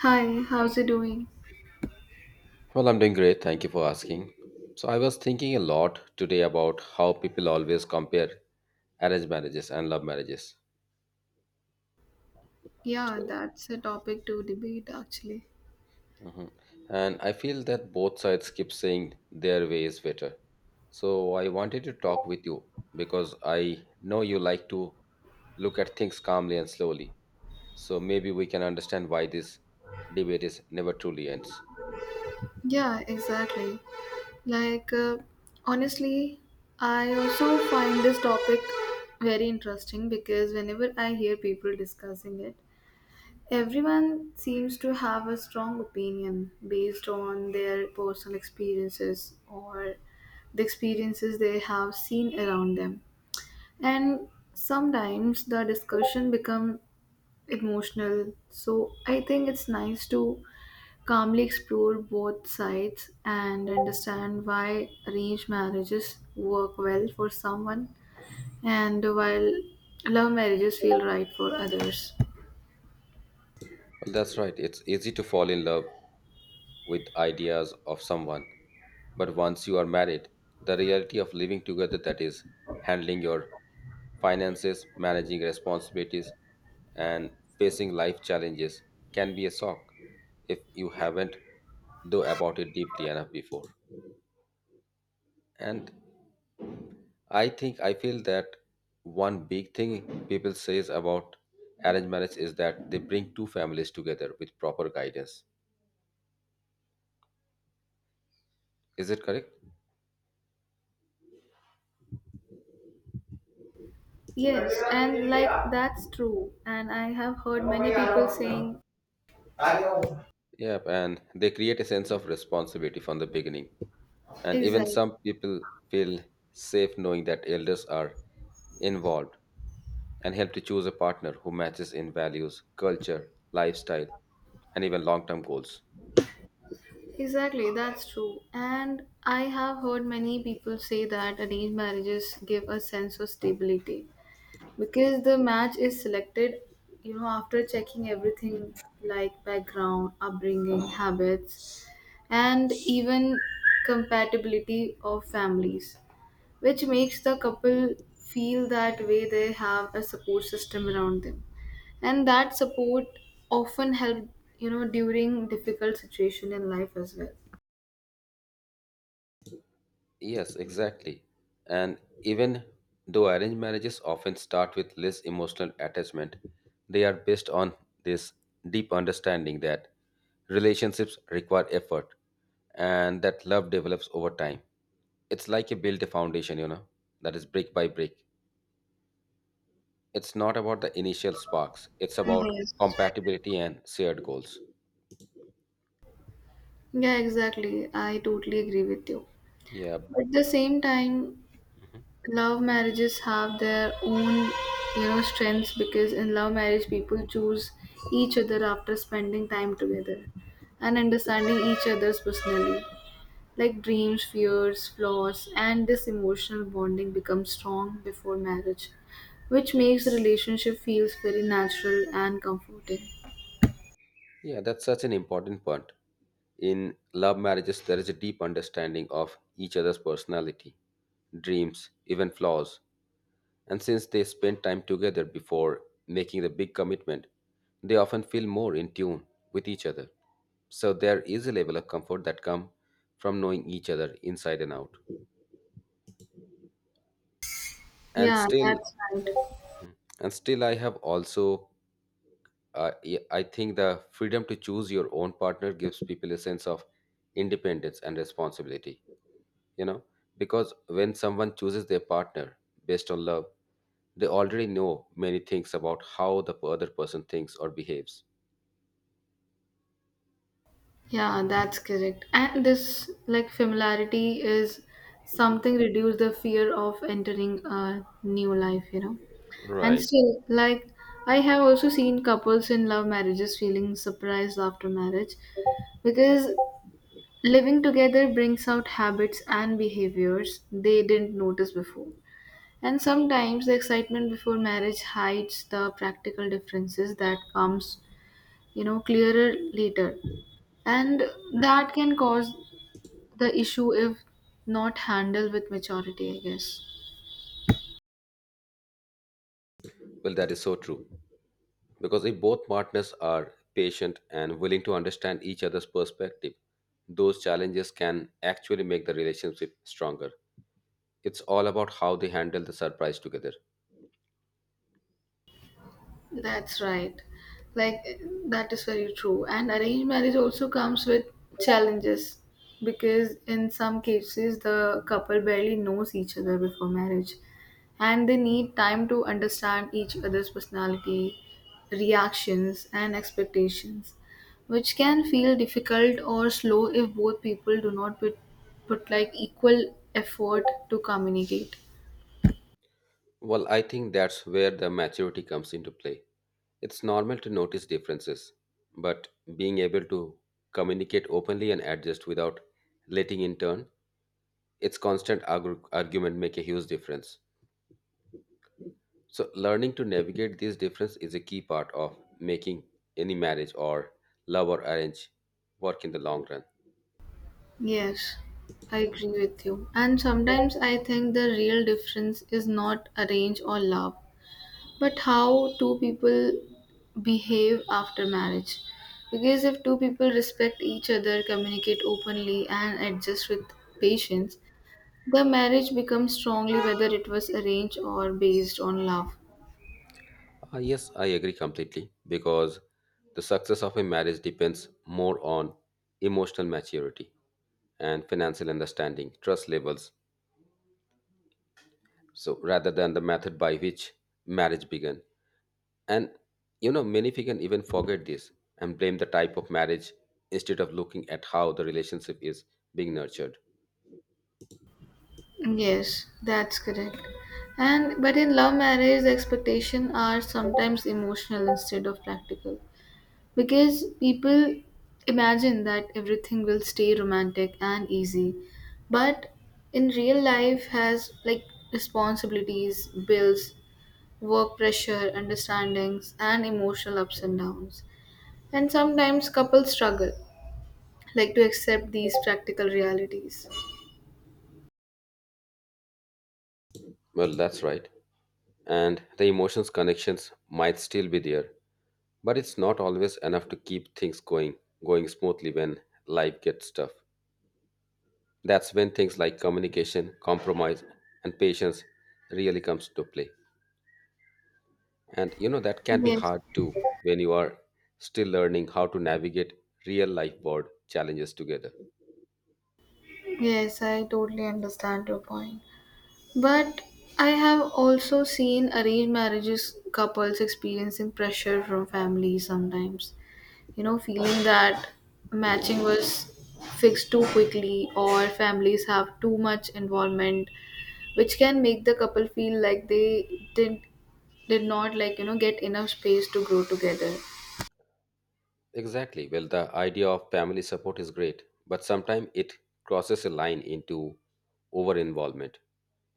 Hi, how's it doing? Well, I'm doing great. Thank you for asking. So, I was thinking a lot today about how people always compare arranged marriages and love marriages. Yeah, So, that's a topic to debate actually. mhm. and I feel that both sides keep saying their way is better. So, I wanted to talk with you because I know you like to look at things calmly and slowly. So, maybe we can understand why this debate is never truly ends. Yeah, exactly. Like, uh, Honestly, I also find this topic very interesting because whenever I hear people discussing it, everyone seems to have a strong opinion based on their personal experiences or the experiences they have seen around them. And sometimes the discussion becomes emotional. So I think it's nice to calmly explore both sides and understand why arranged marriages work well for someone, and while love marriages feel right for others. Well, that's right. It's easy to fall in love with ideas of someone. But once you are married, the reality of living together, that is handling your finances, managing responsibilities, and facing life challenges, can be a shock if you haven't thought about it deeply enough before. And I feel that one big thing people says about arranged marriage is that they bring two families together with proper guidance. Is it correct? Yes, and like that's true. And I have heard many people saying. Yep, and they create a sense of responsibility from the beginning. And even Exactly. some people feel safe knowing that elders are involved and help to choose a partner who matches in values, culture, lifestyle, and even long term goals. Exactly, that's true. And I have heard many people say that arranged marriages give a sense of stability, because the match is selected, after checking everything, like background, upbringing, habits, and even compatibility of families, which makes the couple feel that way they have a support system around them. And that support often help, during difficult situation in life as well. Yes, exactly. And even though arranged marriages often start with less emotional attachment, they are based on this deep understanding that relationships require effort and that love develops over time. It's like you build a foundation, you know, that is brick by brick. It's not about the initial sparks, it's about Yes. compatibility and shared goals. Yeah, exactly, I totally agree with you. Yeah. But at the same time, love marriages have their own, strengths, because in love marriage people choose each other after spending time together and understanding each other's personally, like dreams, fears, flaws, and this emotional bonding becomes strong before marriage, which makes the relationship feels very natural and comforting. Yeah, that's such an important point. In love marriages, there is a deep understanding of each other's personality, dreams, even flaws. And since they spend time together before making the big commitment, they often feel more in tune with each other. So there is a level of comfort that comes from knowing each other inside and out. And Yeah, still, that's right. and still, I have also, I think the freedom to choose your own partner gives people a sense of independence and responsibility, you know, because when someone chooses their partner based on love, they already know many things about how the other person thinks or behaves. Yeah, that's correct. And this like familiarity is something reduce the fear of entering a new life, you know. And Right. still, like, I have also seen couples in love marriages feeling surprised after marriage, because living together brings out habits and behaviors they didn't notice before. And sometimes the excitement before marriage hides the practical differences that comes, clearer later. And that can cause the issue if not handled with maturity, I guess. Well, that is so true, because if both partners are patient and willing to understand each other's perspective, those challenges can actually make the relationship stronger. It's all about how they handle the surprise together. That's right. Like, that is very true. And arranged marriage also comes with challenges, because in some cases the couple barely knows each other before marriage and they need time to understand each other's personality, reactions and expectations, which can feel difficult or slow if both people do not put like equal effort to communicate. Well, I think that's where the maturity comes into play. It's normal to notice differences, but being able to communicate openly and adjust without letting in turn its constant argument make a huge difference. So learning to navigate these differences is a key part of making any marriage, or love or arrange, work in the long run. Yes, I agree with you. And sometimes I think the real difference is not arrange or love, but how two people behave after marriage. Because if two people respect each other, communicate openly, and adjust with patience, the marriage becomes strongly whether it was arranged or based on love. Yes, I agree completely, because the success of a marriage depends more on emotional maturity and financial understanding, trust levels. So rather than the method by which marriage began. And you know, many can even forget this and blame the type of marriage instead of looking at how the relationship is being nurtured. Yes, that's correct. And but in love marriage, the expectations are sometimes emotional instead of practical. Because people imagine that everything will stay romantic and easy, but in real life has like responsibilities, bills, work pressure, understandings, and emotional ups and downs. And sometimes couples struggle like to accept these practical realities. Well, that's right. And the emotions connections might still be there, but it's not always enough to keep things going smoothly when life gets tough. That's when things like communication, compromise, and patience really comes to play. And you know, that can be Yes, hard too when you are still learning how to navigate real life board challenges together. yes, I totally understand your point. But I have also seen arranged marriages couples experiencing pressure from families sometimes, feeling that matching was fixed too quickly or families have too much involvement, which can make the couple feel like they did not like, get enough space to grow together. Exactly. Well, the idea of family support is great, but sometimes it crosses a line into over involvement.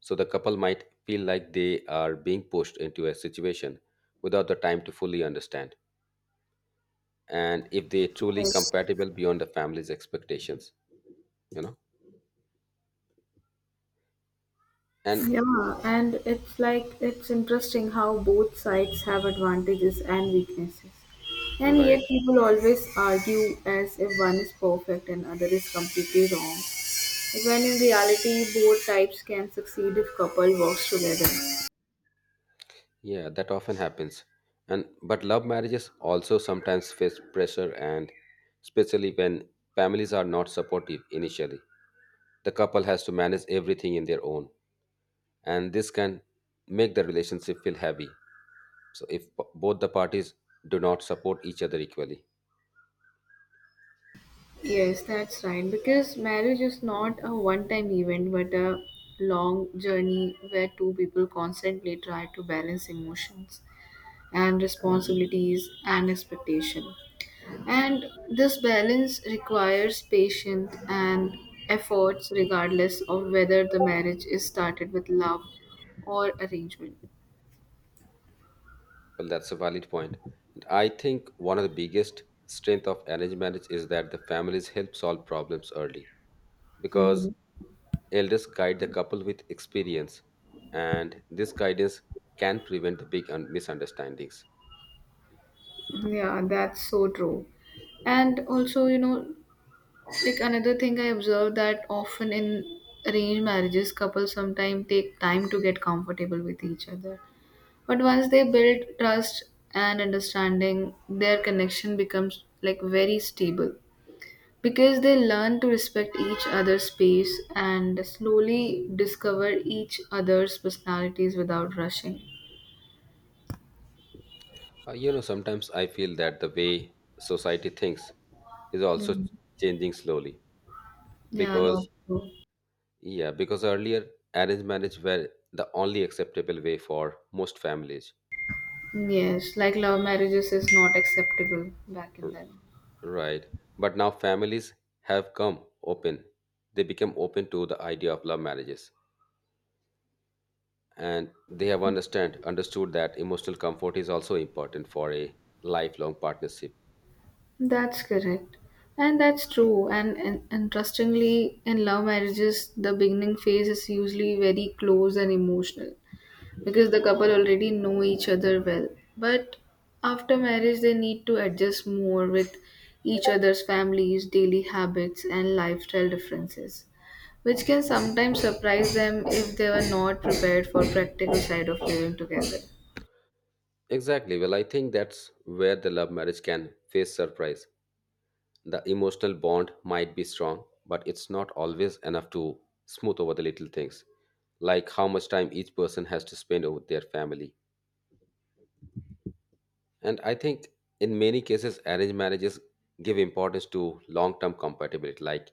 So the couple might feel like they are being pushed into a situation without the time to fully understand. And if they truly compatible beyond the family's expectations, you know? And Yeah, and it's like it's interesting how both sides have advantages and weaknesses. And right. yet people always argue as if one is perfect and other is completely wrong. When in reality both types can succeed if couple works together. Yeah, that often happens. And but love marriages also sometimes face pressure, and especially when families are not supportive initially. The couple has to manage everything in their own, and this can make the relationship feel heavy. So if both the parties do not support each other equally. Yes, that's right. Because marriage is not a one time event but a long journey where two people constantly try to balance emotions and responsibilities and expectation. And this balance requires patience and efforts regardless of whether the marriage is started with love or arrangement. Well, that's a valid point. And I think one of the biggest strength of arranged marriage is that the families help solve problems early, because Hmm. elders guide the couple with experience, and this guidance can prevent the big misunderstandings. Yeah, that's so true. And also, you know, like another thing I observed that often in arranged marriages, couples sometimes take time to get comfortable with each other. But once they build trust and understanding, their connection becomes like very stable, because they learn to respect each other's space and slowly discover each other's personalities without rushing. Sometimes I feel that the way society thinks is also Mhm. changing slowly Yeah, because, that's true. yeah, because earlier arranged marriage were the only acceptable way for most families. Yes, like love marriages is not acceptable back in R- then. right? But now families have come open, they become open to the idea of love marriages, and they have understand understood that emotional comfort is also important for a lifelong partnership. That's correct. And that's true. And interestingly, in love marriages, the beginning phase is usually very close and emotional because the couple already know each other well. But after marriage, they need to adjust more with each other's families, daily habits, and lifestyle differences, which can sometimes surprise them if they were not prepared for practical side of living together. Exactly. Well, I think that's where the love marriage can face surprise. The emotional bond might be strong, but it's not always enough to smooth over the little things, like how much time each person has to spend over their family. And I think in many cases, arranged marriages give importance to long term compatibility like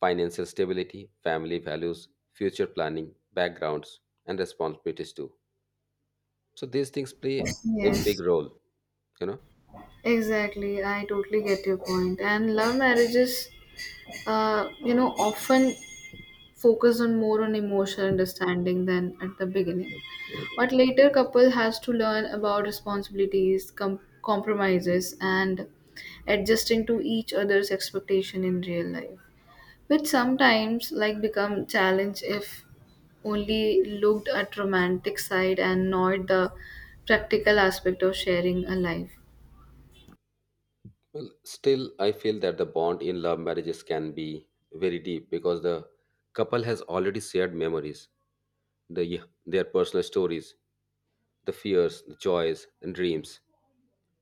financial stability, family values, future planning, backgrounds, and responsibilities too. So these things play a big Yes, role, you know. exactly, I totally get your point. And love marriages, often focus on more on emotional understanding than at the beginning. But later, couple has to learn about responsibilities, compromises, and adjusting to each other's expectation in real life, which sometimes like become challenge if only looked at romantic side and not the practical aspect of sharing a life. Well, still, I feel that the bond in love marriages can be very deep, because the couple has already shared memories, their personal stories, the fears, the joys, and dreams.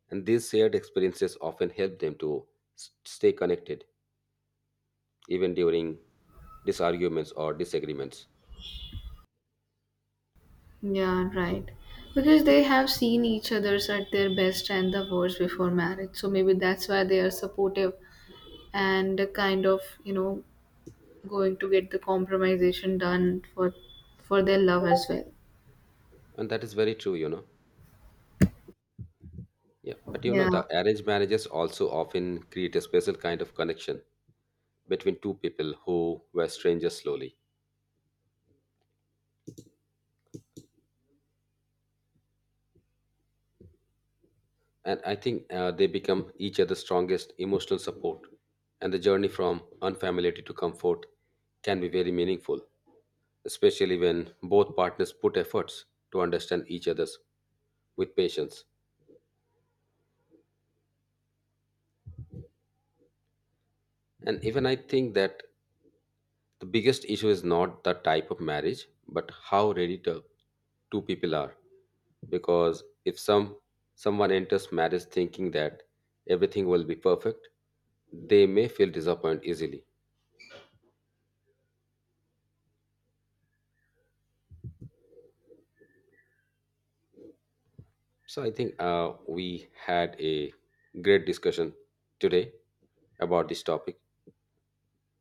And these shared experiences often help them to stay connected, even during disarguments or disagreements. Yeah, right. Because they have seen each other's at their best and the worst before marriage. So maybe that's why they are supportive and kind of, you know, going to get the compromisation done for their love as well. And that is very true, you know. Yeah. But you know, Yeah. the arranged marriages also often create a special kind of connection between two people who were strangers slowly. And I think they become each other's strongest emotional support. And the journey from unfamiliarity to comfort can be very meaningful, especially when both partners put efforts to understand each other's with patience. And even I think that the biggest issue is not the type of marriage, but how ready to two people are. Because if someone enters marriage thinking that everything will be perfect, they may feel disappointed easily. So I think we had a great discussion today about this topic.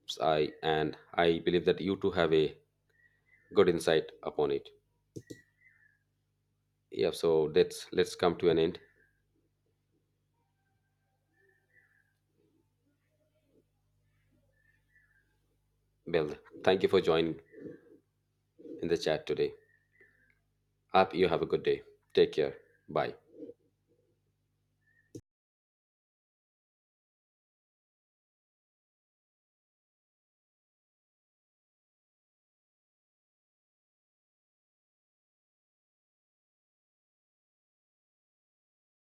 So, I believe that you too have a good insight upon it. Yeah, so let's come to an end. Well, thank you for joining in the chat today. Hope you have a good day. Take care. Bye.